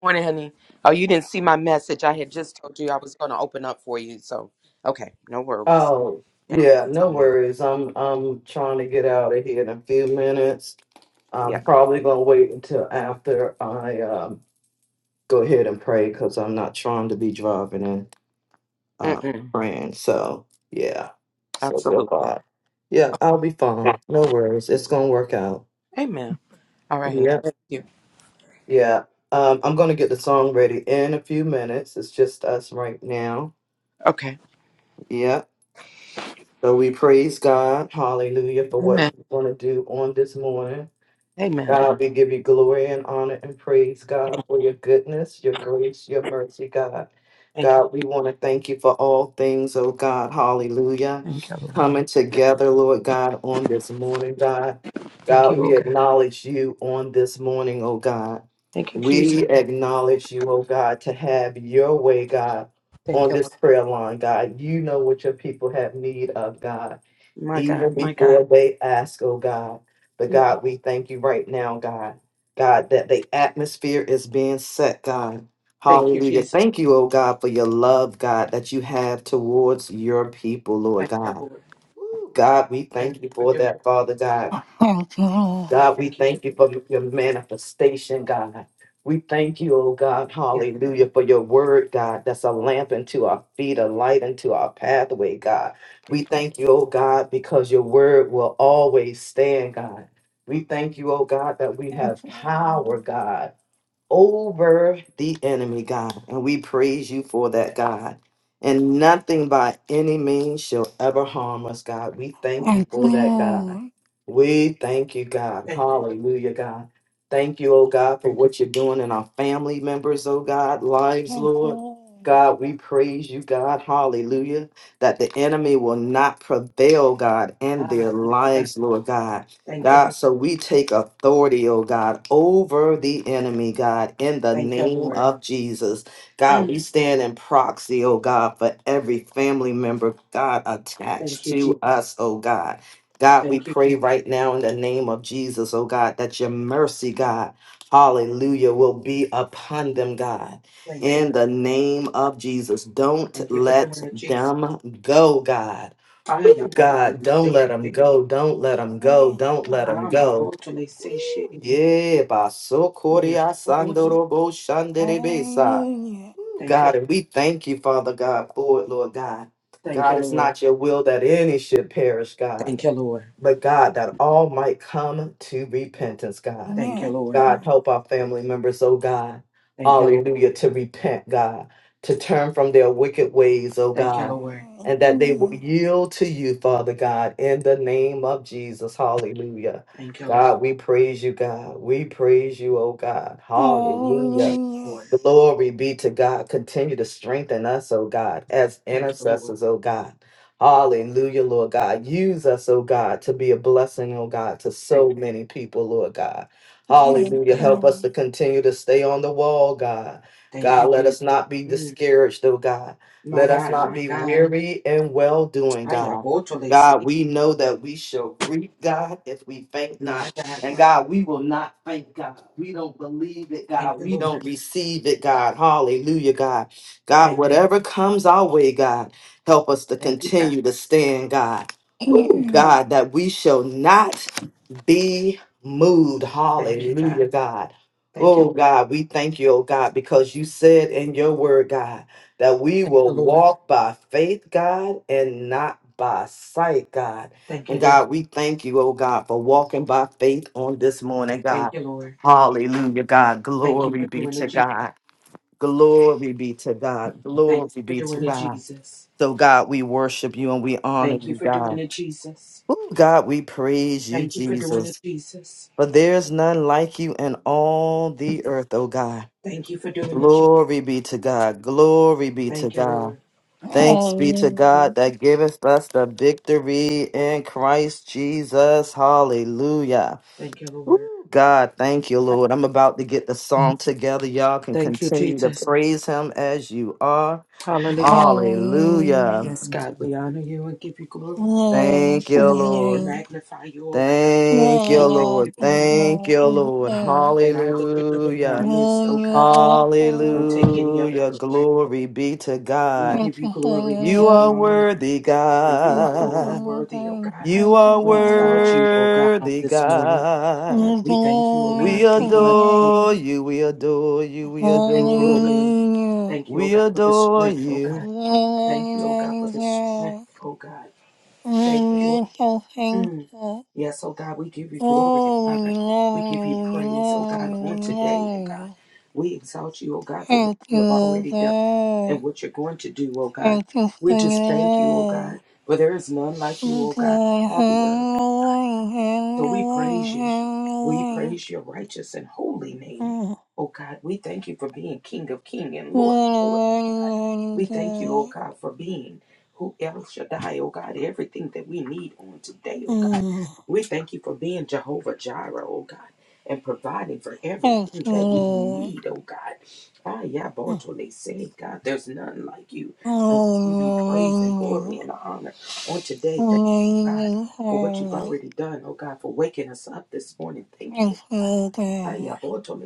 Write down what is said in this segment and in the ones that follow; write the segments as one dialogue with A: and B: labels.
A: Morning, honey. Oh, you didn't see my message. I had just told you I was going to open up for you. So, okay, no worries.
B: Oh,
A: Thank you
B: yeah,
A: so
B: no
A: much.
B: worries. I'm I'm trying to get out of here in a few minutes. I'm
A: Yeah,
B: probably gonna wait until after I um go ahead and pray because I'm not trying to be driving and uh
A: Mm-mm.
B: praying. So yeah. So we're
A: absolutely.
B: fine. Yeah, I'll be fine. No worries. It's gonna work out.
A: Amen. All right, honey.
B: Yep.
A: Thank you.
B: Yeah. Um, I'm gonna get the song ready in a few minutes. It's just us right now.
A: Okay.
B: Yeah. So we praise God, hallelujah, for what
A: Amen.
B: you're going to do on this morning.
A: Amen.
B: God, we give you glory and honor and praise, God, for your goodness, your grace, your mercy, God.
A: Thank you.
B: God, we want to thank you for all things, oh God, hallelujah.
A: Thank you, Lord.
B: Coming together, Lord God, on this morning, God.
A: Thank
B: God,
A: you, oh
B: we
A: God.
B: acknowledge you on this morning, oh God.
A: Thank you, Jesus.
B: We acknowledge you, oh God, to have your way, God,
A: Thank
B: on
A: you,
B: this
A: Lord.
B: prayer line, God. You know what your people have need of, God
A: My God,
B: even
A: my God.
B: before they ask, oh God. But
A: Mm.
B: God, we thank you right now, God. God, that the atmosphere is being set, God.
A: Thank you,
B: Hallelujah.
A: Jesus.
B: Thank you, oh God, for your love, God, that you have towards your people, Lord
A: Thank you,
B: God.
A: Lord.
B: Woo, God, we
A: Thank you
B: thank you
A: for
B: for
A: doing it,
B: that,
A: Jesus.
B: Father God.
C: Thank you, Lord.
B: God, we
A: Thank you for
B: thank
A: doing
B: you for
A: it.
B: your manifestation, God. We thank you, oh God,
A: Yes, Lord.
B: hallelujah, for your word, God, that's a lamp unto our feet, a light unto our pathway, God.
A: Thank
B: We
A: you.
B: thank you, oh God, because your word will always stand, God. We thank you, oh God, that we
C: Thank
B: have
C: you, Lord.
B: power, God over the enemy, God. And we praise you for that, God. And nothing by any means shall ever harm us, God. We thank you
C: Thank you,
B: for that, God.
C: Lord.
B: We thank you, God.
A: Thank you. Lord.
B: Hallelujah, God. Thank you, oh God, for
A: Thank you.
B: what
A: for-
B: you're doing in our family members, oh God, lives,
C: Thank you,
B: Lord.
C: Lord.
B: God, we praise you, God. Hallelujah. That the enemy will not prevail, God, in
A: Ah,
B: their
A: yes, God.
B: lives, Lord God.
A: Thank you,
B: God,
A: Lord.
B: so we take authority, oh God, over the enemy, God, in the
A: Thank you,
B: name
A: Lord.
B: of Jesus. God,
A: Mm.
B: we stand in proxy, oh God, for every family member, God, attached
A: Thank you, Jesus.
B: to us, oh God. God, we
A: Thank you,
B: pray
A: Jesus.
B: right now in the name of Jesus, oh God, that your mercy, God, hallelujah, will be upon them, God.
A: Thank you.
B: In the name of Jesus, don't
A: Thank you for
B: let
A: doing it, Jesus.
B: them go, God.
A: I am
B: Ooh, God,
A: totally
B: don't
A: say
B: let them
A: she.
B: go. Don't let them go.
C: Yes,
B: Don't let them
C: God.
A: I'm
B: go.
A: about to say she.
B: Ooh, Yeah, baso
A: Yeah,
B: koria
A: about
B: sandoro bo shandere besa.
C: Hallelujah.
B: Ooh,
A: Thank you.
B: God, and we thank you, Father God, for it, Lord God.
A: Thank you,
B: God, it's
A: Lord.
B: not your will that any should perish, God.
A: Thank you, Lord.
B: But God, that all might come to repentance, God.
A: Thank you,
C: Yes,
A: Lord.
B: God,
C: God.
B: help our family members, oh God.
A: Thank you, Lord.
B: Hallelujah, to repent, God, to turn from their wicked ways, oh
A: Thank you,
B: God,
A: Lord.
C: Yes,
B: and that they will
C: Lord.
B: yield to you, Father God, in the name of Jesus. Hallelujah.
A: Thank you, Lord.
B: God, we praise you, God. We praise you, oh God. Hallelujah.
A: Thank you,
C: Hallelujah.
A: Lord.
B: Glory be to God. Continue to strengthen us, oh God, as
A: Thank you, Lord.
B: intercessors, oh God. Hallelujah, Lord God. Use us, oh God, to be a blessing, oh God, to
A: Thank
B: so
A: you.
B: many people, Lord God.
A: Thank
C: Yes,
A: you,
B: Hallelujah.
A: God.
B: Help us to
C: God.
B: continue to stay on the wall, God.
A: Thank you,
B: God, let
A: Jesus.
B: us not be
A: Mm,
B: discouraged, oh God.
A: my
B: Let us
A: God,
B: not
A: my
B: be
A: God.
B: weary and well doing,
A: I am
B: God.
A: about to say.
B: God, we know that we shall reap, God, if we faint not.
A: My God,
B: And
A: my
B: God, we will not thank God. We don't believe it,
A: Thank
B: God.
A: you,
B: We
A: Lord.
B: don't receive it, God. Hallelujah, God. God,
A: Thank you, Lord.
B: whatever comes our way, God, help us to
A: Thank you, God.
B: continue to stand, God. Ooh,
C: Yes.
B: God, that we shall not be moved.
A: Thank you, God.
B: Hallelujah, God.
A: Thank you.
B: Oh, God, we thank you, oh, God, because you said in your word, God, that we
A: Thank you,
B: will
A: Lord.
B: walk by faith, God, and not by sight, God.
A: Thank you,
B: And
A: Lord.
B: God, we thank you, oh, God, for walking by faith on this morning, God.
A: Thank you, Lord.
B: Hallelujah, God.
A: Thank you
B: Glory
A: for
B: be
A: doing
B: to
A: it, Jesus.
B: God. Glory be to God.
A: Thank
B: Glory
A: you for
B: be to
A: doing it,
B: God.
A: Jesus.
B: So, God, we worship you and we honor
A: Thank you
B: you,
A: for doing
B: God.
A: it, Jesus.
B: Oh, God, we praise you,
A: Thank you for doing
B: Jesus.
A: it, Jesus.
B: For there is none like you in all the earth, O God.
A: Thank you for doing it, Jesus.
B: Glory be to God. Glory be to
A: Thank you,
B: God.
A: Lord.
B: Thanks be to God
C: Hallelujah.
B: that giveth us the victory in Christ Jesus. Hallelujah.
A: Thank you,
B: Woo,
A: Lord.
B: God, thank you, Lord. I'm about to get the song together. Y'all can
A: Thank you,
B: continue to
A: Jesus.
B: praise him as you are.
A: Hallelujah.
B: Hallelujah.
C: Hallelujah.
A: Yes, God, we honor you and give you glory.
C: Lord,
B: Thank
A: We
C: for
B: you,
A: thank
C: your
A: you and
B: Lord.
C: name.
A: magnify you, oh God.
B: Thank you,
A: We
C: Lord,
A: thank
C: you're
A: you
B: Lord.
A: for
C: awesome,
A: who you
B: Thank
C: God.
B: you,
A: are oh,
C: we
B: Lord.
C: serve.
A: and all that you're doing in our
B: Hallelujah.
A: midst, oh
C: Lord,
A: God.
C: you're
A: We don't take any of it
B: Hallelujah.
C: awesome.
A: for granted.
B: Glory be to
A: We
B: God.
A: give
C: Thank
A: you
C: you for
A: glory. We
C: your
B: You
A: give you
B: are
C: name.
A: honor.
B: worthy,
A: For you
C: Thank you
A: alone
C: for
A: are
B: God.
C: your
A: worthy, O
C: grace.
A: God.
B: You
C: Thank
B: are
C: you
A: We
C: for your
A: exalt you, O
C: love.
A: God, on
B: worthy,
A: this morning.
B: God.
C: We
A: We thank you, O
C: Glory
B: We
A: God.
C: to
A: We bless
C: your
A: you.
B: adore
C: name.
B: you. We adore you. We
A: So thank you, O
B: adore
A: God.
B: you.
C: Hallelujah.
A: Thank you, O
B: We
A: God, for the
B: adore
A: strength, O God.
B: you.
C: Lord,
A: Thank you, O God, for
C: Almighty
A: the strength,
C: God,
A: O God.
C: oh,
A: Thank you. oh
C: you're so
A: Mm.
C: thankful.
A: Yes, O God, we give you glory and
C: Oh,
A: honor.
C: we
A: We
C: love you,
A: give you
C: we
A: praise, O
C: love
A: God, on
C: you, we
A: today, O
C: love
A: God.
C: you.
A: We exalt you, O God, for what
C: Thank you,
A: you have already done
C: oh
A: and
C: God.
A: what you're going to do, O God.
C: Thank you
A: We
C: for your
A: just thank you, O God,
C: love.
A: for there is none like you,
C: Oh
A: O God,
C: God,
A: in all the
C: have
A: earth.
C: your
A: So we
C: way,
A: praise
C: have
A: you. We
C: your way,
A: praise your righteous and holy
C: have
A: name.
C: your way.
A: Oh God, we thank you for being King of King
C: Thank you for your mercy.
A: and Lord of Lord. God. We thank you, oh God, for being who El Shaddai, oh God, everything that we need on today, oh God.
C: Thank
A: We thank you for being Jehovah Jireh, oh God, and providing for everything that we need, oh God. Ah, yeah, they said, God, there's none like you. And we give you praise and glory and honor on today. Thank you, God for what you've already done, oh God, for waking us up this morning. Thank you, oh God. Ay,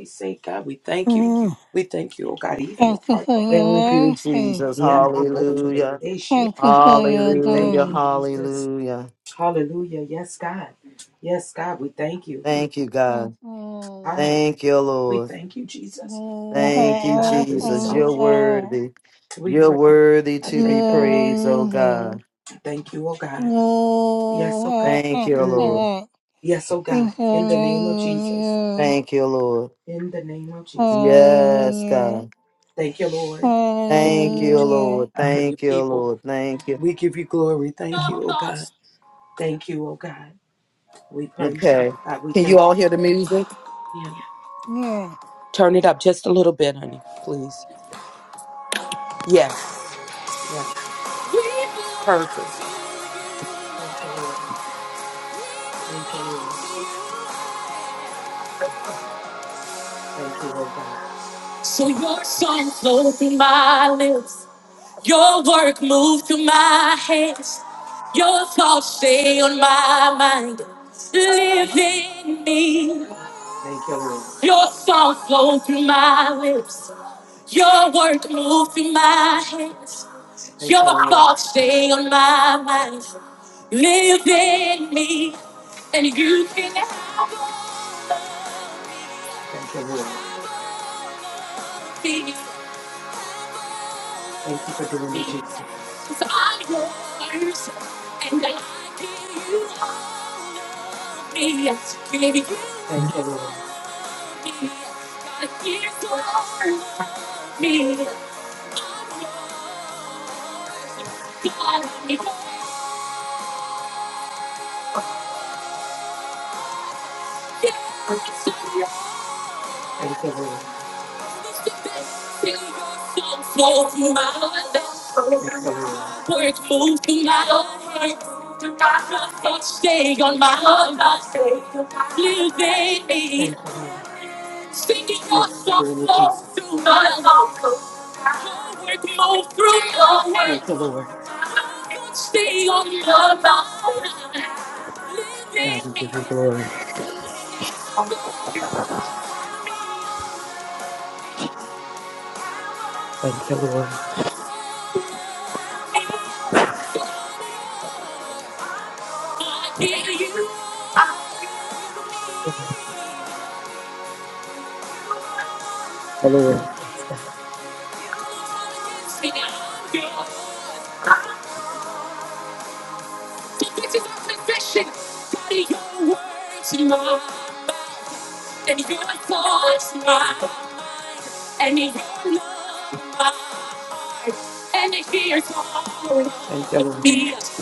A: say, God, we thank you. We thank you, oh God, even as
C: you
A: parts
C: for
A: of
B: Thank you, Jesus.
A: Yeah, abótole,
B: Hallelujah.
A: say,
C: your
A: We thank
B: Hallelujah.
A: you,
C: grace.
A: Jesus.
B: Hallelujah.
A: Hallelujah. Yes, God. Yes, God, we thank you. We,
B: Thank you,
C: Thank
B: God.
C: you,
A: I,
B: Thank you,
A: we
B: Lord.
A: thank you,
C: Lord. You
A: Jesus. Yes,
B: Thank
A: oh
B: you,
A: God,
C: are
A: we
B: Jesus.
C: awesome,
B: You're
C: you
A: exalt you.
C: are.
B: worthy.
A: We
B: You're
A: pray.
B: worthy
A: I
B: to
C: You
B: be
A: thank you,
C: are
A: Lord.
B: praised, oh God.
C: amazing.
A: Thank you, oh God.
C: You
A: Yes, oh God.
C: are
B: Thank you,
A: Mm.
B: Lord.
C: excellent.
A: Yes, oh God.
C: Is your
A: In the name of
C: name in
A: Jesus.
C: you?
B: Thank you, Lord.
A: In the name of Jesus.
B: Yes,
C: Hallelujah.
B: God.
A: Thank you, Lord.
B: Thank
A: Continue to
B: you,
A: do
C: Hallelujah.
B: Lord.
A: that for your
B: Thank you,
A: people.
B: Lord. Thank you.
A: We give you glory. Thank you, oh God. Thank you, oh God. We praise you.
B: Okay.
A: God, we
B: Can you
A: thank
B: all hear the music?
A: you.
C: Yeah.
A: Turn it up just a little bit, honey, please. Yes. Yeah. Perfect. Thank you, Lord. Thank you, Lord. Thank you, oh God.
B: So your song flows closing my lips. Your work moved through my hands. Your thoughts stay on my mind. Live in me.
A: Thank you, Lord.
B: Your song flow through my lips. Your work moved through my hands.
A: Thank
B: Your
A: you, Lord.
B: thoughts stay on my mind. Live in me. And you can have
A: Thank you, Lord.
B: a piece
A: Thank you for
B: of
A: doing
B: me.
A: it, Jesus.
B: Cause I'm yours. And I give you all. Stay
A: Thank you, Lord. Thank you, Lord. Thank you, Lord.
B: on my heart, I stay on my living.
A: Thank you, Lord.
B: Singing
A: Thank
B: your
A: you for
B: song
A: doing it,
B: flow
A: Jesus.
B: through my lungs. Your Move through your
A: Thank
B: hands.
A: you, Lord.
B: I could stay on your mind. Living
A: God, we
B: me,
A: give you glory.
B: I
A: Thank you, Lord.
B: hear you. I'm
A: Lord. Yes, God.
B: singing your So this is our confession. Daddy, your words in mine. And your thoughts mine. And your love mine. And here's all
A: Thank you,
B: of
A: Lord.
B: me.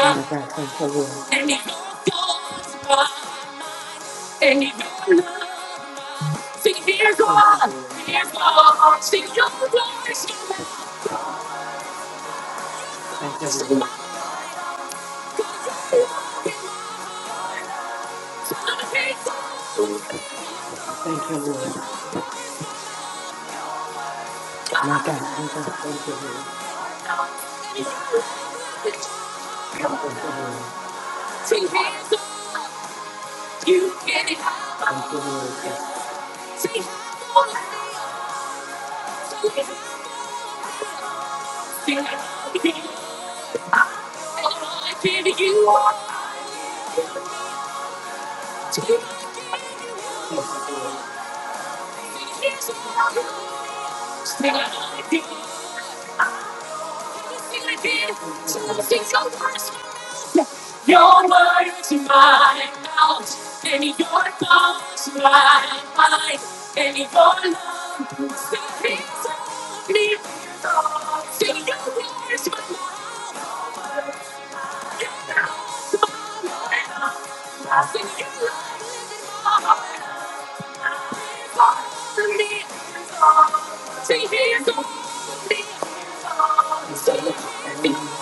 A: My God, thank you, Lord. Thank you, Lord. Thank you, Lord. Thank you, Lord. My God, my God, thank you, Lord. Thank you, Lord. Thank you, Lord. Yes, God.
B: Your word is
A: Thank you, Lord. Thank you, Lord.
B: my mouth, and your love is my mind, and your love is the reason me. See your words is my life, and your love So
A: Thank you, Lord. Hallelujah.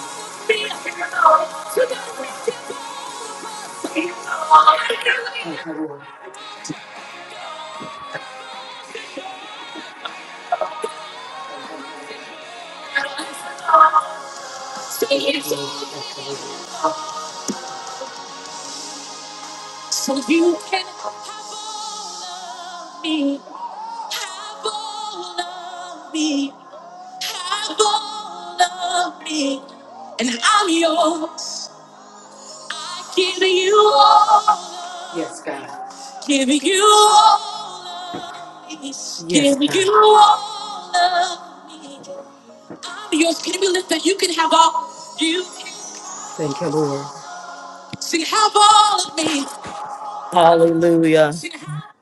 A: Thank you, Lord. Thank you, Lord. You, Lord. Thank you, Lord.
B: you can have all of me, have all of me, have all of me, and I'm yours. I give you
A: Yes, God.
B: all, give you all of me,
A: Yes,
B: give
A: God.
B: you all of me. I'm yours. Can we lift that? You can have all. You can
A: Thank you, Lord.
B: sing, have all of me. Hallelujah.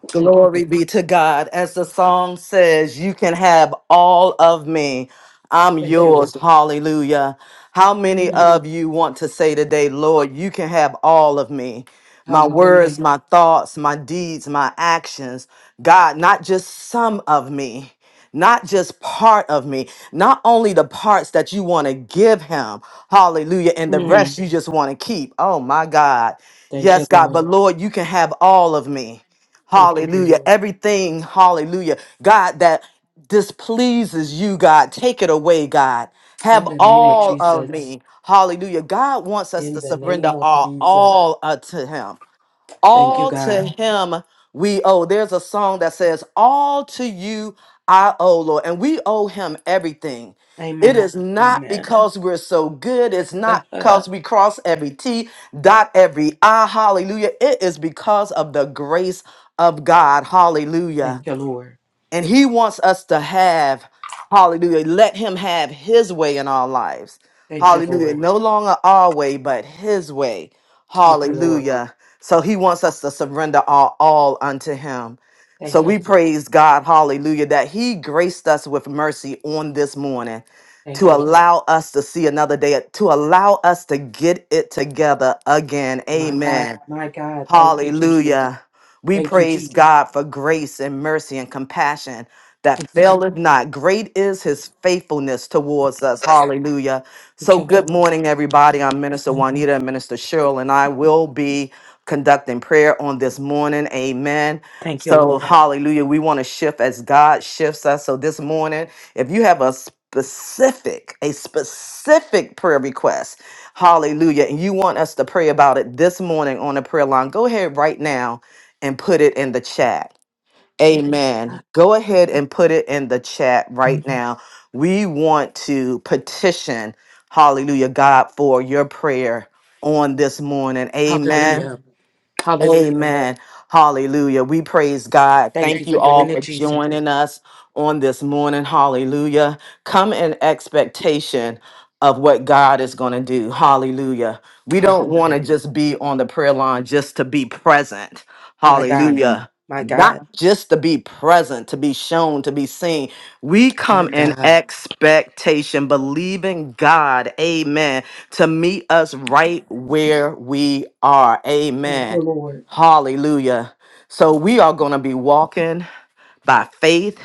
A: Thank you. Lord.
B: Glory be to God. As the song says, you can have all of me. I'm Thank you.
A: Thank you, Lord.
B: yours. Hallelujah. How many
A: Mm.
B: of you want to say today, Lord, you can have all of me? My words,
A: Hallelujah.
B: my thoughts, my deeds, my actions. God, not just some of me, not just part of me, not only the parts that you want to give him. Hallelujah. And the
A: Mm.
B: rest you just want to keep. Oh, my God.
A: Thank you,
B: Yes, God.
A: Lord.
B: But Lord, you can have all of me.
A: Thank you, Jesus.
B: Hallelujah. Everything, hallelujah. God, that displeases you, God, take it away, God. Have
A: In the name of
B: all of
A: Jesus.
B: me. Hallelujah. God wants us
A: In
B: to
A: the name
B: surrender
A: of
B: all,
A: Jesus.
B: all uh, to Him.
A: Thank you,
B: All to
A: God.
B: him we owe. There's a song that says, All to you I owe, Lord. And we owe him everything. It
A: Amen.
B: is not
A: Amen.
B: because we're so good. It's not
A: Thank
B: because we cross every T, dot every I. Hallelujah. It is because of the grace of God. Hallelujah.
A: you, Lord.
B: And he wants us to have, hallelujah, let him have his way in our lives. Thank you,
A: Thank you,
B: Hallelujah. Lord.
A: Lord.
B: No longer our way, but his way.
A: Thank you, Lord.
B: Hallelujah. So he wants us to surrender our all unto him.
A: Thank
B: So
A: you,
B: we
A: Lord.
B: praise God, hallelujah, that he graced us with mercy on this morning to Thank
A: Thank
B: you,
A: you, Lord.
B: Lord. allow us to see another day, to allow us to get it together again.
A: My God.
B: Amen.
A: My God. Thank you, Jesus.
B: Hallelujah. We
A: Thank you,
B: praise
A: Jesus.
B: God for grace and mercy and compassion that faileth not. Great is his faithfulness towards us. Hallelujah.
A: Thank
B: So,
A: you,
B: good
A: Lord.
B: morning, everybody. I'm Minister Juanita and Minister Cheryl, and I will be conducting prayer on this morning. Amen.
A: Thank you,
B: So,
A: Lord.
B: hallelujah. We want to shift as God shifts us. So, this morning, if you have a specific, a specific prayer request, hallelujah, and you want us to pray about it this morning on the prayer line, go ahead right now and put it in the chat.
A: Thank
B: Amen. Go ahead and put it in the chat
A: you. God.
B: right now. We want to petition, hallelujah, God, for your prayer on this morning. Amen.
A: Hallelujah. Hallelujah.
B: Amen. Hallelujah. We praise God.
A: Thank
B: Thank
A: you for
B: you
A: doing
B: all
A: it,
B: for
A: Jesus.
B: joining us on this morning. Hallelujah. Come in expectation of what God is going to do. Hallelujah. We don't
A: Hallelujah.
B: want to just be on the prayer line just to be present.
A: My God.
B: Hallelujah.
A: My God.
B: Not just to be present, to be shown, to be seen. We
A: My
B: come in
A: God.
B: expectation, believing God, amen, to meet us right where we are.
A: Thank
B: Amen.
A: you, Lord.
B: Hallelujah. So we are going to be walking by faith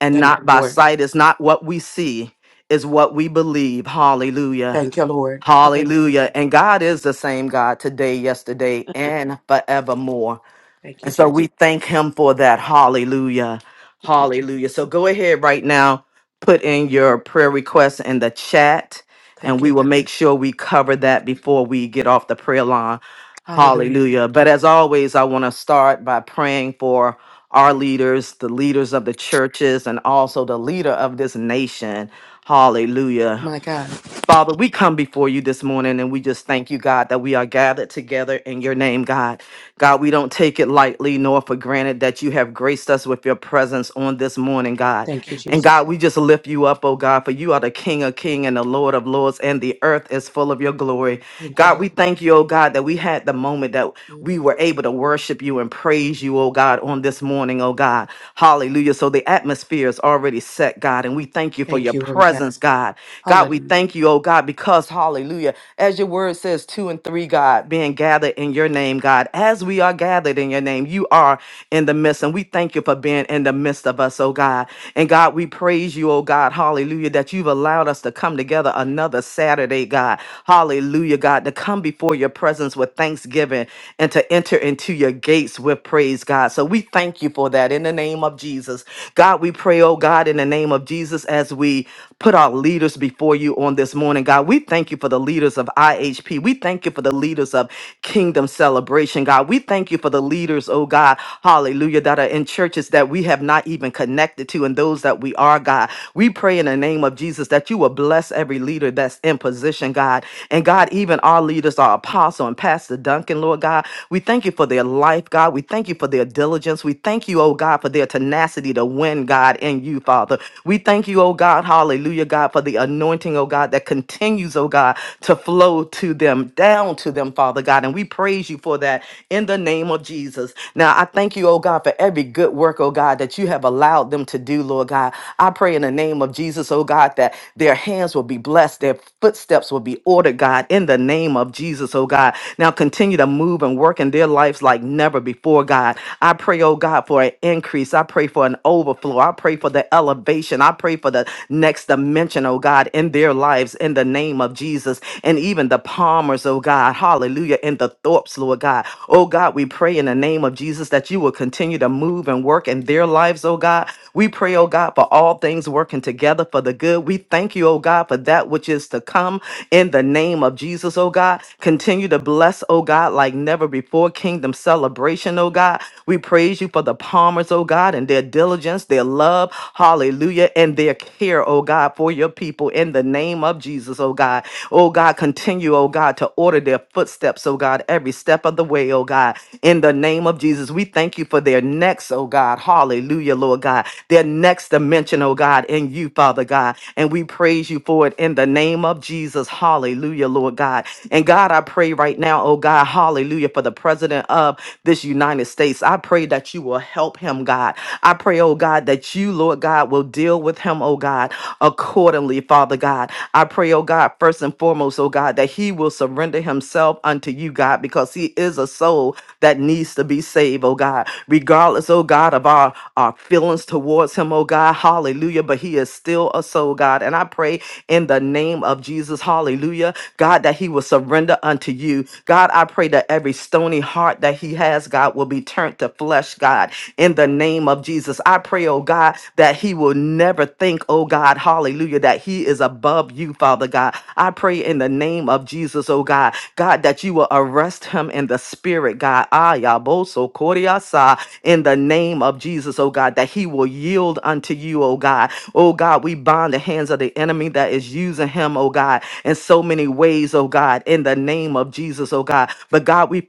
B: and
A: Thank you,
B: not by
A: Lord.
B: sight. It's not what we see, it's what we believe. Hallelujah.
A: Thank you, Lord. Hallelujah.
B: Hallelujah. And God is the same God today, yesterday, and forevermore.
A: Thank you,
B: And so
A: Jesus.
B: we thank him for that. Hallelujah.
A: Thank you.
B: Hallelujah. So go ahead right now, put in your prayer requests in the chat, and
A: Thank you,
B: we will
A: God.
B: make sure we cover that before we get off the prayer line.
A: Hallelujah.
B: Hallelujah. But as always, I want to start by praying for our leaders, the leaders of the churches, and also the leader of this nation. Hallelujah.
A: My God.
B: Father, we come before you this morning and we just thank you, God, that we are gathered together in your name, God. God, we don't take it lightly nor for granted that you have graced us with your presence on this morning, God.
A: Thank you,
B: And
A: Jesus.
B: God, we just lift you up, oh God, for you are the King of King and the Lord of Lords, and the earth is full of your glory.
A: Thank you,
B: God, we thank you, oh God, that we had the moment that
A: Lord.
B: we were able to worship you and praise you, oh God, on this morning, oh God. Hallelujah. So the atmosphere is already set, God, and we thank you for
A: Thank
B: your
A: you, oh God.
B: presence, God. God, we
A: Hallelujah.
B: thank you, oh God, because, hallelujah, as your word says, two and three, God, being gathered in your name, God, as we are gathered in your name, you are in the midst, and we thank you for being in the midst of us, oh God. And God, we praise you, oh God, hallelujah, that you've allowed us us to come together another Saturday, God. Hallelujah, God, to come before your presence with thanksgiving and to enter into your gates with praise, God. So we thank you for that in the name of Jesus. God, we pray, oh God, in the name of Jesus, as we put our leaders before you on this morning, God. We thank you for the leaders of IHP. We thank you for the leaders of Kingdom Celebration, God. We thank you for the leaders, oh God, hallelujah, that are in churches that we have not even connected connected to and those that we are, God. We pray in the name of Jesus that you will bless every leader that's in position, God. And God, even our leaders, our apostle and Pastor Duncan, Lord God, we thank you for their life, God. We thank you for their diligence. We thank you, oh God, for their tenacity to win, God, in you, Father. We thank you, oh God, hallelujah, God, for the anointing, oh God, that continues, oh God, to flow to them, down to them, Father God. And we praise you for that in the name of Jesus. Now, now, I thank you, oh God, for every good work, oh God, that you have allowed them to do, Lord God. I pray in the name of Jesus, oh God, that their hands will be blessed, their footsteps will be ordered, God, in the name of Jesus, oh God. Now, continue to move and work in their lives like never before, God. I pray, oh God, for an increase. I pray for an overflow. I pray for the elevation. I pray for the next dimension, oh God, in their lives in the name of Jesus. And even the Palmers, oh God, hallelujah hallelujah, in the Thorpes, Lord God. Oh God, we pray in the name of Jesus that you will continue to move and work in their lives, oh God. We pray, oh God, for all things working together for the good. We thank you, oh God, for that which is to come in the name of Jesus, oh God. Continue to bless, oh God, like never before. Kingdom celebration, oh God. We praise you for the Palmers, oh God, and their diligence, their love, hallelujah, and their care, oh God, for your people in the name of Jesus. Jesus, oh God. Oh God, continue, oh God, to order their footsteps, oh God, every step of the way, oh God. In the name of Jesus, we thank you for their next, oh God. Hallelujah, Lord God. Their next dimension, oh God, in you, Father God. And we praise you for it in the name of Jesus. Hallelujah, Lord God. And God, I pray right now, oh God, hallelujah, for the president of this United States. I pray that you will help him, God. I pray, oh God, that you, Lord God, will deal deal with him, oh God, accordingly, Father God. I pray, oh God, first and foremost, oh God, that he will surrender himself unto you, God, because he is a soul that needs to be saved, oh God, regardless, oh God, of our, our feelings towards him, oh God, hallelujah, but he is still a soul, God. And I pray in the name of Jesus, hallelujah, God, that he will surrender unto you. God, I pray that every stony heart that he has, God, will be turned to flesh, God, in the name of Jesus. I pray, oh God, that he will never think, oh God, hallelujah, that he is above you, Father God. I pray in the name of Jesus, oh God, God, that you will arrest him in the spirit, God. Ayaboso Koriasa, in the name of Jesus, oh God, that he will yield unto you, oh God. Oh God, we bind the hands of the enemy that is using him, oh God, in so many ways, oh God, in the name of Jesus, oh God. But God, we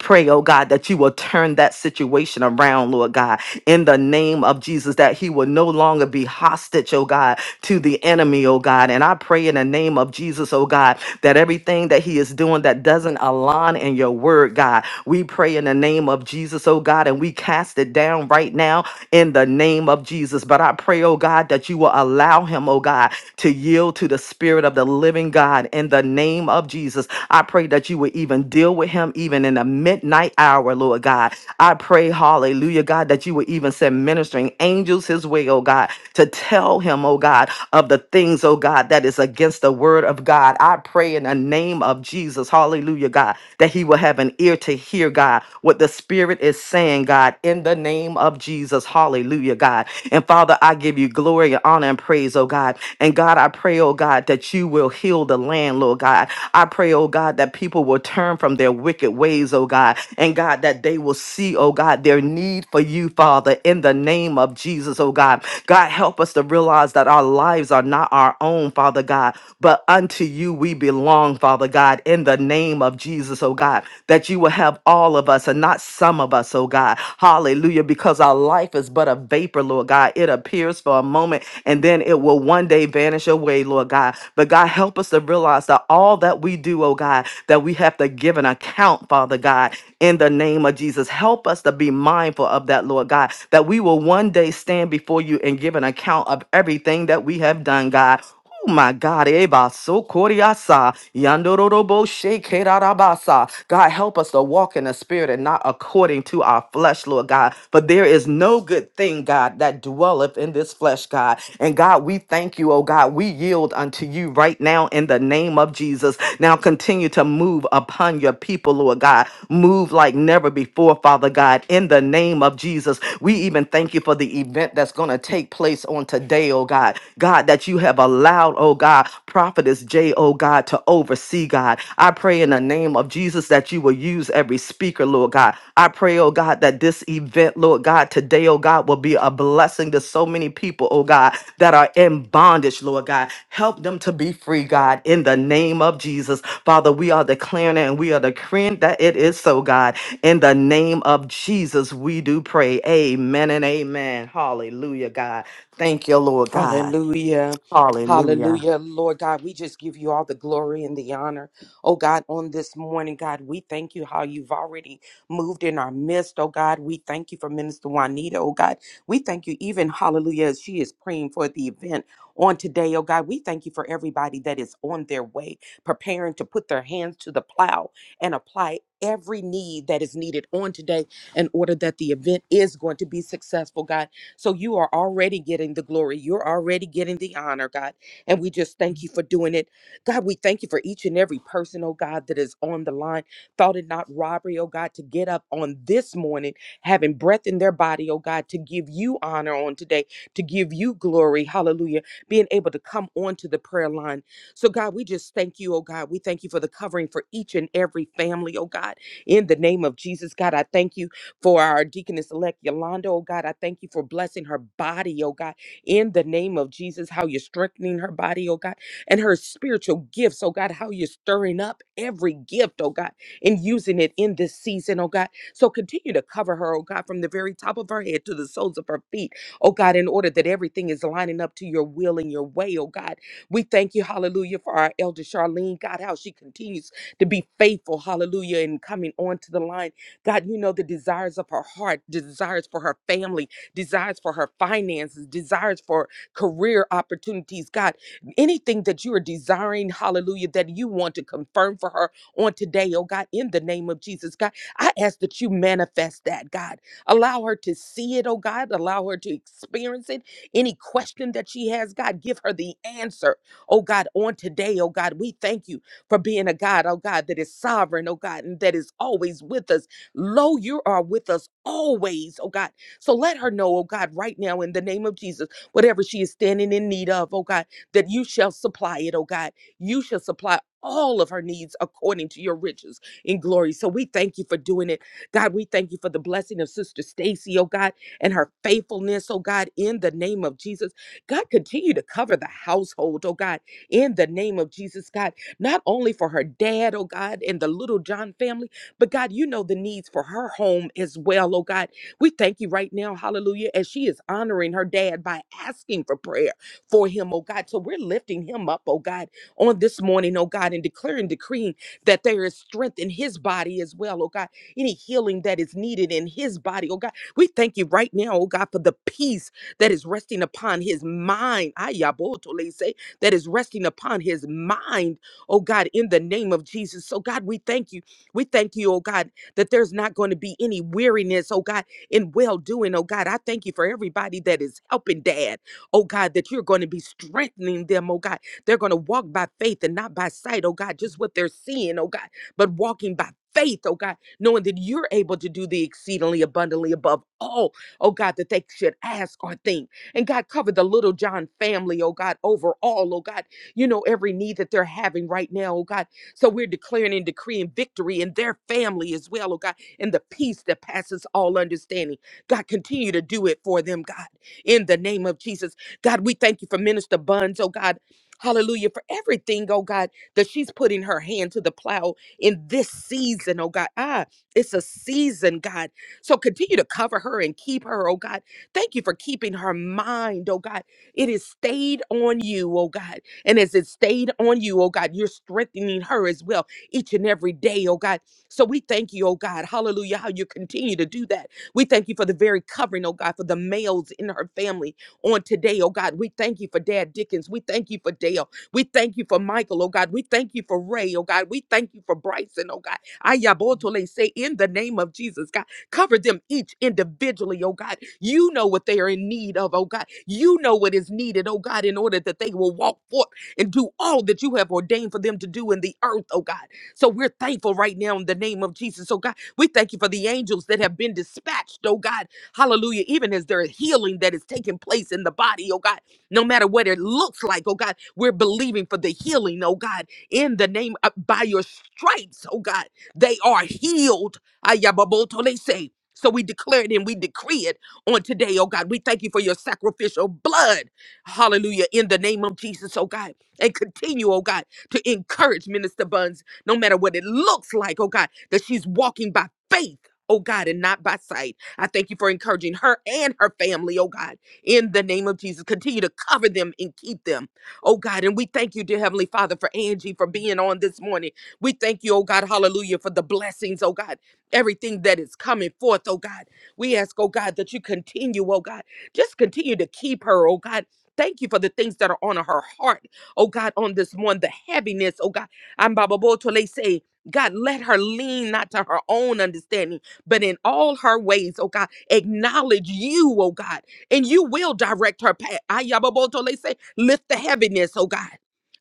B: pray, oh God, that you will turn that situation around, Lord God in the name of Jesus that he will no longer be hostage, oh God, to the enemy, oh God. And I pray in the name of Jesus, oh God, that everything that he is doing that doesn't align in your word, God, we pray in the name of Jesus, oh God, and we cast it down right now in the name of Jesus. But I pray, oh God, that you will allow him, oh God, to yield to the spirit of the living God in the name of Jesus. I pray that you would even deal with him even in the midnight hour, Lord God. I pray, hallelujah, God, that you would even send ministering angels his way, oh God, to tell him, oh God, of the things, oh God, that is against the word of God. I pray in the name of Jesus, hallelujah, God, that he will have an ear to hear, God, what the Spirit is saying, God, in the name of Jesus, hallelujah, God. And Father, I give you glory and honor and praise, oh God. And God, I pray, oh God, that you will heal the land, Lord God. I pray, oh God, that people will turn from their wicked ways, oh God. And God, that that they will see, oh God, their need for you, Father, in the name of Jesus, oh God. God, help us to realize that our lives are not our own, Father God, but unto you we belong, Father God, in the name of Jesus, oh God, that you will have all of us and not some of us, oh God. Hallelujah, because our life is but a vapor, Lord God. It appears for a moment and then it will one day vanish away, Lord God. But God, help us to realize that all that we do, oh God, that we have to give an account, Father. Father God, in the name of Jesus. Help us to be mindful of that, Lord God, that we will one day stand before you and give an account of everything that we have done, God. Oh my God, Eba so koriasa, yandorobo shekerarabasa. God, help us to walk in the spirit and not according to our flesh, Lord God. But there is no good thing, God, that dwelleth in this flesh, God. And God, we thank you, oh God. We yield unto you right now in the name of Jesus. Now continue to move upon your people, Lord God. Move like never before, Father God, in the name of Jesus. We even thank you for the event that's going to take place on today, oh God. God, that you have allowed, oh God, Prophetess J, oh God, to oversee, God. I pray in the name of Jesus that you will use every speaker, Lord God. I pray, oh God, that this event, Lord God, today, oh God, will be a blessing to so many people, oh God, that are in bondage, Lord God. Help them to be free, God, in the name of Jesus. Father, we are declaring and we are decreeing that it is so, God. In the name of Jesus, we do pray. Amen and amen. Hallelujah, God. Thank you, Lord God.
A: Hallelujah.
B: Hallelujah.
A: Hallelujah. Lord God, we just give you all the glory and the honor. Oh God, on this morning, God, we thank you how you've already moved in our midst. Oh God, we thank you for Minister Juanita. Oh God, we thank you even, hallelujah, as she is praying for the event on today. Oh God, we thank you for everybody that is on their way, preparing to put their hands to the plow and apply every need that is needed on today in order that the event is going to be successful, God. So you are already getting the glory. You're already getting the honor, God. And we just thank you for doing it. God, we thank you for each and every person, oh God, that is on the line. Thought it not robbery, oh God, to get up on this morning, having breath in their body, oh God, to give you honor on today, to give you glory. Hallelujah. Being able to come onto the prayer line. So, God, we just thank you, oh God. We thank you for the covering for each and every family, oh God. In the name of Jesus, God, I thank you for our deaconess elect Yolanda, oh God. I thank you for blessing her body, oh God, in the name of Jesus, how you're strengthening her body, oh God, and her spiritual gifts, oh God, how you're stirring up every gift, oh God, and using it in this season, oh God. So continue to cover her, oh God, from the very top of her head to the soles of her feet, oh God, in order that everything is lining up to your will and your way, oh God. We thank you, hallelujah, for our elder Charlene, God, how she continues to be faithful, hallelujah, and coming onto the line God, you know the desires of her heart, desires for her family, desires for her finances, desires for career opportunities. God, anything that you are desiring, hallelujah, that you want to confirm for her on today, oh God, in the name of Jesus, God, I ask that you manifest that, God. Allow her to see it, oh God, allow her to experience it. Any question that she has, God, give her the answer, oh God, on today, oh God. We thank you for being a God, oh God, that is sovereign, oh God, and that is always with us Lo, you are with us always, oh God. So let her know, oh God, right now in the name of Jesus, whatever she is standing in need of, oh God, that you shall supply it, oh God. You shall supply all of her needs according to your riches in glory. So we thank you for doing it. God, we thank you for the blessing of Sister Stacy, oh God, and her faithfulness, oh God, in the name of Jesus. God, continue to cover the household, oh God, in the name of Jesus, God, not only for her dad, oh God, and the little John family. But God, you know the needs for her home as well. Oh God, we thank you right now, hallelujah, as she is honoring her dad by asking for prayer for him, oh God. So we're lifting him up, oh God, on this morning, oh God, and declaring, decreeing that there is strength in his body as well, oh God. Any healing that is needed in his body, oh God. We thank you right now, oh God, for the peace that is resting upon his mind. Ayabotolese, That is resting upon his mind, oh God, in the name of Jesus. So God, we thank you. We thank you, oh God, that there's not going to be any weariness, oh God, in well doing, oh God. I thank you for everybody that is helping dad, oh God, that you're going to be strengthening them, oh God. They're going to walk by faith and not by sight, oh God, just what they're seeing, oh God, but walking by faith, oh God, knowing that you're able to do the exceedingly abundantly above all, oh God, that they should ask or think. And God, cover the little John family, oh God, overall, oh God, you know, every need that they're having right now, oh God. So we're declaring and decreeing victory in their family as well, oh God, and the peace that passes all understanding. God, continue to do it for them, God, in the name of Jesus. God, we thank you for Minister Buns, oh God. Hallelujah for everything, oh God, that she's putting her hand to the plow in this season, oh God. Ah, it's a season, God. So continue to cover her and keep her, oh God. Thank you for keeping her mind, oh God. It is stayed on you, oh God. And as it stayed on you, oh God, you're strengthening her as well each and every day, oh God. So we thank you, oh God, hallelujah, how you continue to do that. We thank you for the very covering, oh God, for the males in her family on today, oh God. We thank you for Dad Dickens. We thank you for Dale. We thank you for Michael, oh God. We thank you for Ray, oh God. We thank you for Bryson, oh God. Ayabotole, say in the name of Jesus, God, cover them each individually, oh God. You know what they are in need of, oh God. You know what is needed, oh God, in order that they will walk forth and do all that you have ordained for them to do in the earth, oh God. So we're thankful right now in the name of Jesus, oh God. We thank you for the angels that have been dispatched, oh God. Hallelujah. Even as there is healing that is taking place in the body, oh God, no matter what it looks like, oh God, we're believing for the healing, oh God, in the name of by your stripes, oh God. They are healed. Ayababotole say. So we declare it and we decree it on today, oh God. We thank you for your sacrificial blood. Hallelujah. In the name of Jesus, oh God. And continue, oh God, to encourage Minister Buns, no matter what it looks like, oh God, that she's walking by faith, oh God, and not by sight. I thank you for encouraging her and her family, oh God, in the name of Jesus. Continue to cover them and keep them, oh God. And we thank you, dear Heavenly Father, for Angie for being on this morning. We thank you, oh God, hallelujah, for the blessings, oh God, everything that is coming forth, oh God. We ask, oh God, that you continue, oh God, just continue to keep her, oh God. Thank you for the things that are on her heart oh God, on this one, the heaviness, oh God. I'm Baba Botole say, God, let her lean not to her own understanding, but in all her ways, oh God, acknowledge you, oh God, and you will direct her path. Ayababotole say, lift the heaviness, oh God.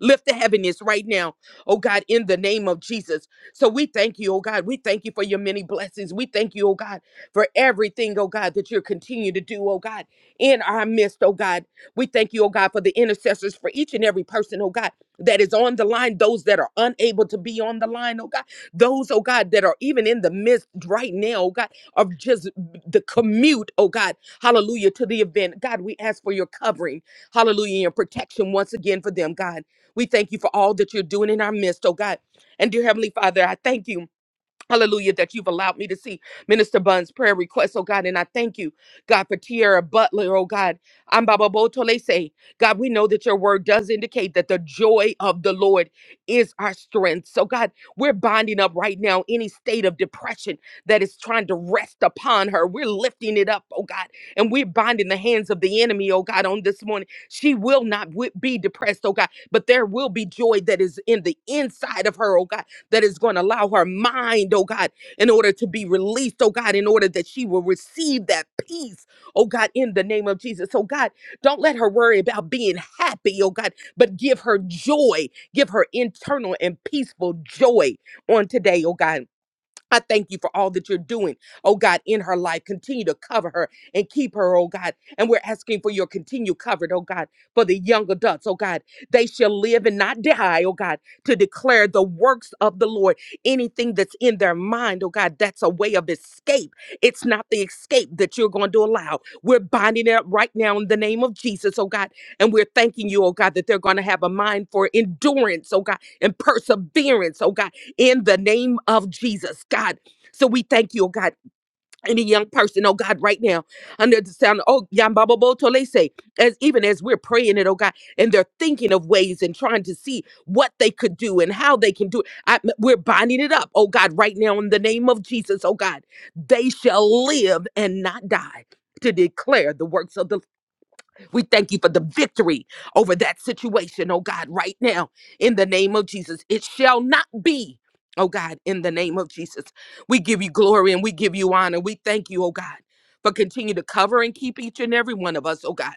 A: Lift the heaviness right now, oh God, in the name of Jesus. So we thank you, oh God. We thank you for your many blessings. We thank you, oh God, for everything, oh God, that you're continuing to do, oh God, in our midst, oh God. We thank you, oh God, for the intercessors for each and every person, oh God, that is on the line, those that are unable to be on the line, oh God, those, oh God, that are even in the midst right now, oh God, of just the commute, oh God, hallelujah, to the event. God, we ask for your covering, hallelujah, and your protection once again for them, God. We thank you for all that you're doing in our midst, oh God. And dear Heavenly Father, I thank you. Hallelujah, that you've allowed me to see Minister Bunn's prayer request, oh God. And I thank you, God, for Tierra Butler, oh God. I'm Baba Botolese. God, we know that your word does indicate that the joy of the Lord is our strength. So, God, we're binding up right now any state of depression that is trying to rest upon her. We're lifting it up, oh God. And we're binding the hands of the enemy, oh God, on this morning. She will not wi- be depressed, oh God, but there will be joy that is in the inside of her, oh God that is going to allow her mind, oh God, in order to be released, oh God, in order that she will receive that peace, oh God, in the name of Jesus. oh God, don't let her worry about being happy, oh God, but give her joy, give her internal and peaceful joy on today, oh God. I thank you for all that you're doing, oh God, in her life. Continue to cover her and keep her, oh God. And we're asking for your continued covered, oh God, for the young adults, oh God. They shall live and not die, oh God, to declare the works of the Lord. Anything that's in their mind, oh God, that's a way of escape. It's not the escape that you're going to allow. We're binding it up right now in the name of Jesus, oh God. And we're thanking you, oh God, that they're going to have a mind for endurance, oh God, and perseverance, oh God in the name of Jesus, God. So we thank you, oh God, any young person, oh God, right now, under the sound, oh Yambaba tolese, as even as we're praying it, oh God, and they're thinking of ways and trying to see what they could do and how they can do it. I, we're binding it up, oh God, right now in the name of Jesus, oh God. They shall live and not die to declare the works of the we thank you for the victory over that situation, oh God, right now, in the name of Jesus. It shall not be, oh God, in the name of Jesus. We give you glory and we give you honor. We thank you, oh God, for continue to cover and keep each and every one of us, oh God.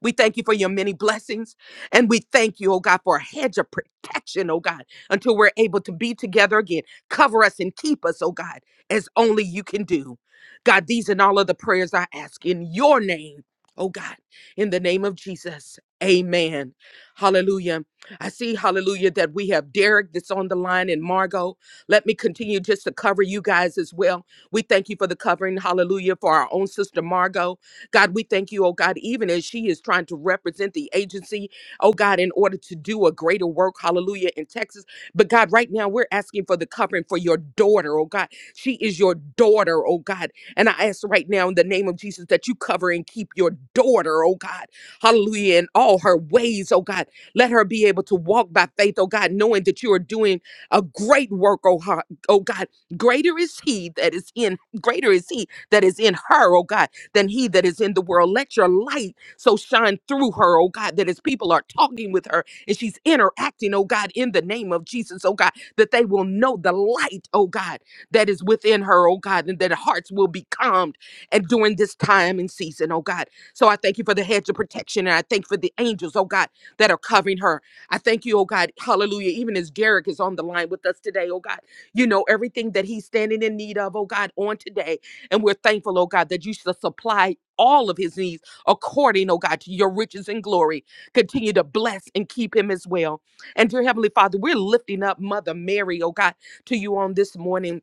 A: We thank you for your many blessings. And we thank you, oh God, for a hedge of protection, oh God, until we're able to be together again. Cover us and keep us, oh God, as only you can do. God, these and all of the prayers I ask in your name, oh God, in the name of Jesus. Amen. Hallelujah. I see, hallelujah, that we have Derek that's on the line and Margot. Let me continue just to cover you guys as well. We thank you for the covering, hallelujah, for our own sister Margot. God, we thank you, oh God, even as she is trying to represent the agency, oh God, in order to do a greater work, hallelujah, in Texas. But God, right now we're asking for the covering for your daughter, oh God. She is your daughter, oh God. And I ask right now in the name of Jesus that you cover and keep your daughter, oh God, hallelujah, in all her ways, oh God. Let her be able to walk by faith, oh God, knowing that you are doing a great work, oh, ho- oh God. Greater is He that is in, greater is He that is in her, oh God than he that is in the world. Let your light so shine through her, oh God, that as people are talking with her and she's interacting, oh God, in the name of Jesus, oh God, that they will know the light, oh God, that is within her, oh God, and that hearts will be calmed and during this time and season, oh God. So I thank you for the hedge of protection and I thank for the angels, oh God, that are covering her. I thank you, oh God, hallelujah, even as Derek is on the line with us today, oh God, you know everything that he's standing in need of, oh God, on today. And we're thankful, oh God, that you shall supply all of his needs according, oh God, to your riches and glory. Continue to bless and keep him as well. And dear Heavenly Father, we're lifting up Mother Mary, oh God, to you on this morning.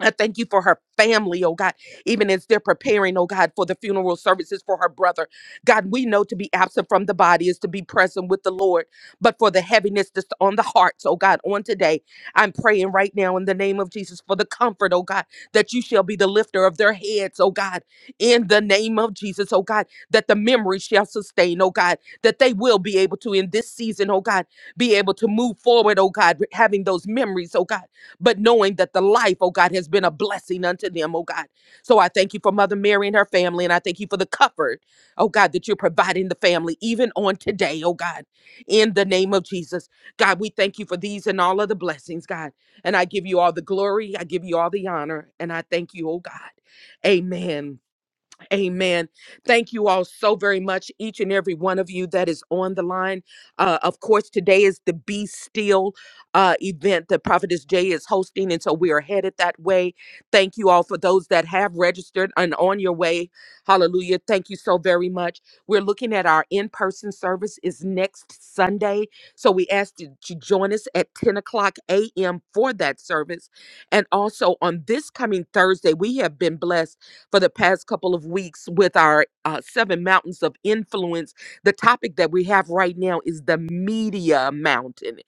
A: I thank you for her family, oh God, even as they're preparing, oh God, for the funeral services for her brother. God, we know to be absent from the body is to be present with the Lord, but for the heaviness that's on the hearts, oh God, on today, I'm praying right now in the name of Jesus for the comfort, oh God, that you shall be the lifter of their heads, oh God, in the name of Jesus, oh God, that the memory shall sustain, oh God, that they will be able to in this season, oh God, be able to move forward, oh God, having those memories, oh God but knowing that the life, oh God, has been a blessing unto them, oh God. So I thank you for Mother Mary and her family, and I thank you for the comfort, oh God, that you're providing the family even on today, oh God, in the name of Jesus. God, we thank you for these and all of the blessings, God. And I give you all the glory, I give you all the honor, and I thank you, oh God. Amen. Amen. Thank you all so very much, each and every one of you that is on the line. Uh, of course, today is the Be Still uh, event that Prophetess Jay is hosting, and so we are headed that way. Thank you all for those that have registered and on your way. Hallelujah. Thank you so very much. We're looking at our in-person service is next Sunday, so we ask you to join us at 10 o'clock a.m. for that service. And also on this coming Thursday, we have been blessed for the past couple of weeks with our uh, seven mountains of influence. The topic that we have right now is the media mountain.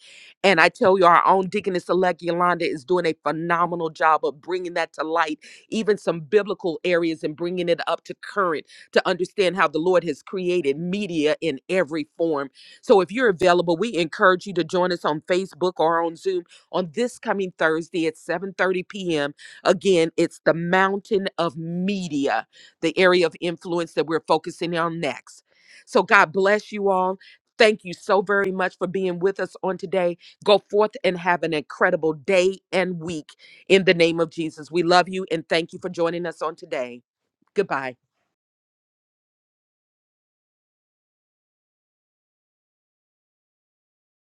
A: And I tell you, our own Deaconess Elect Yolanda is doing a phenomenal job of bringing that to light, even some biblical areas and bringing it up to current to understand how the Lord has created media in every form. So if you're available, we encourage you to join us on Facebook or on Zoom on this coming Thursday at 7:30 p.m Again, it's the mountain of media, the area of influence that we're focusing on next. So, God bless you all. Thank you so very much for being with us on today. Go forth and have an incredible day and week in the name of Jesus. We love you and thank you for joining us on today. Goodbye.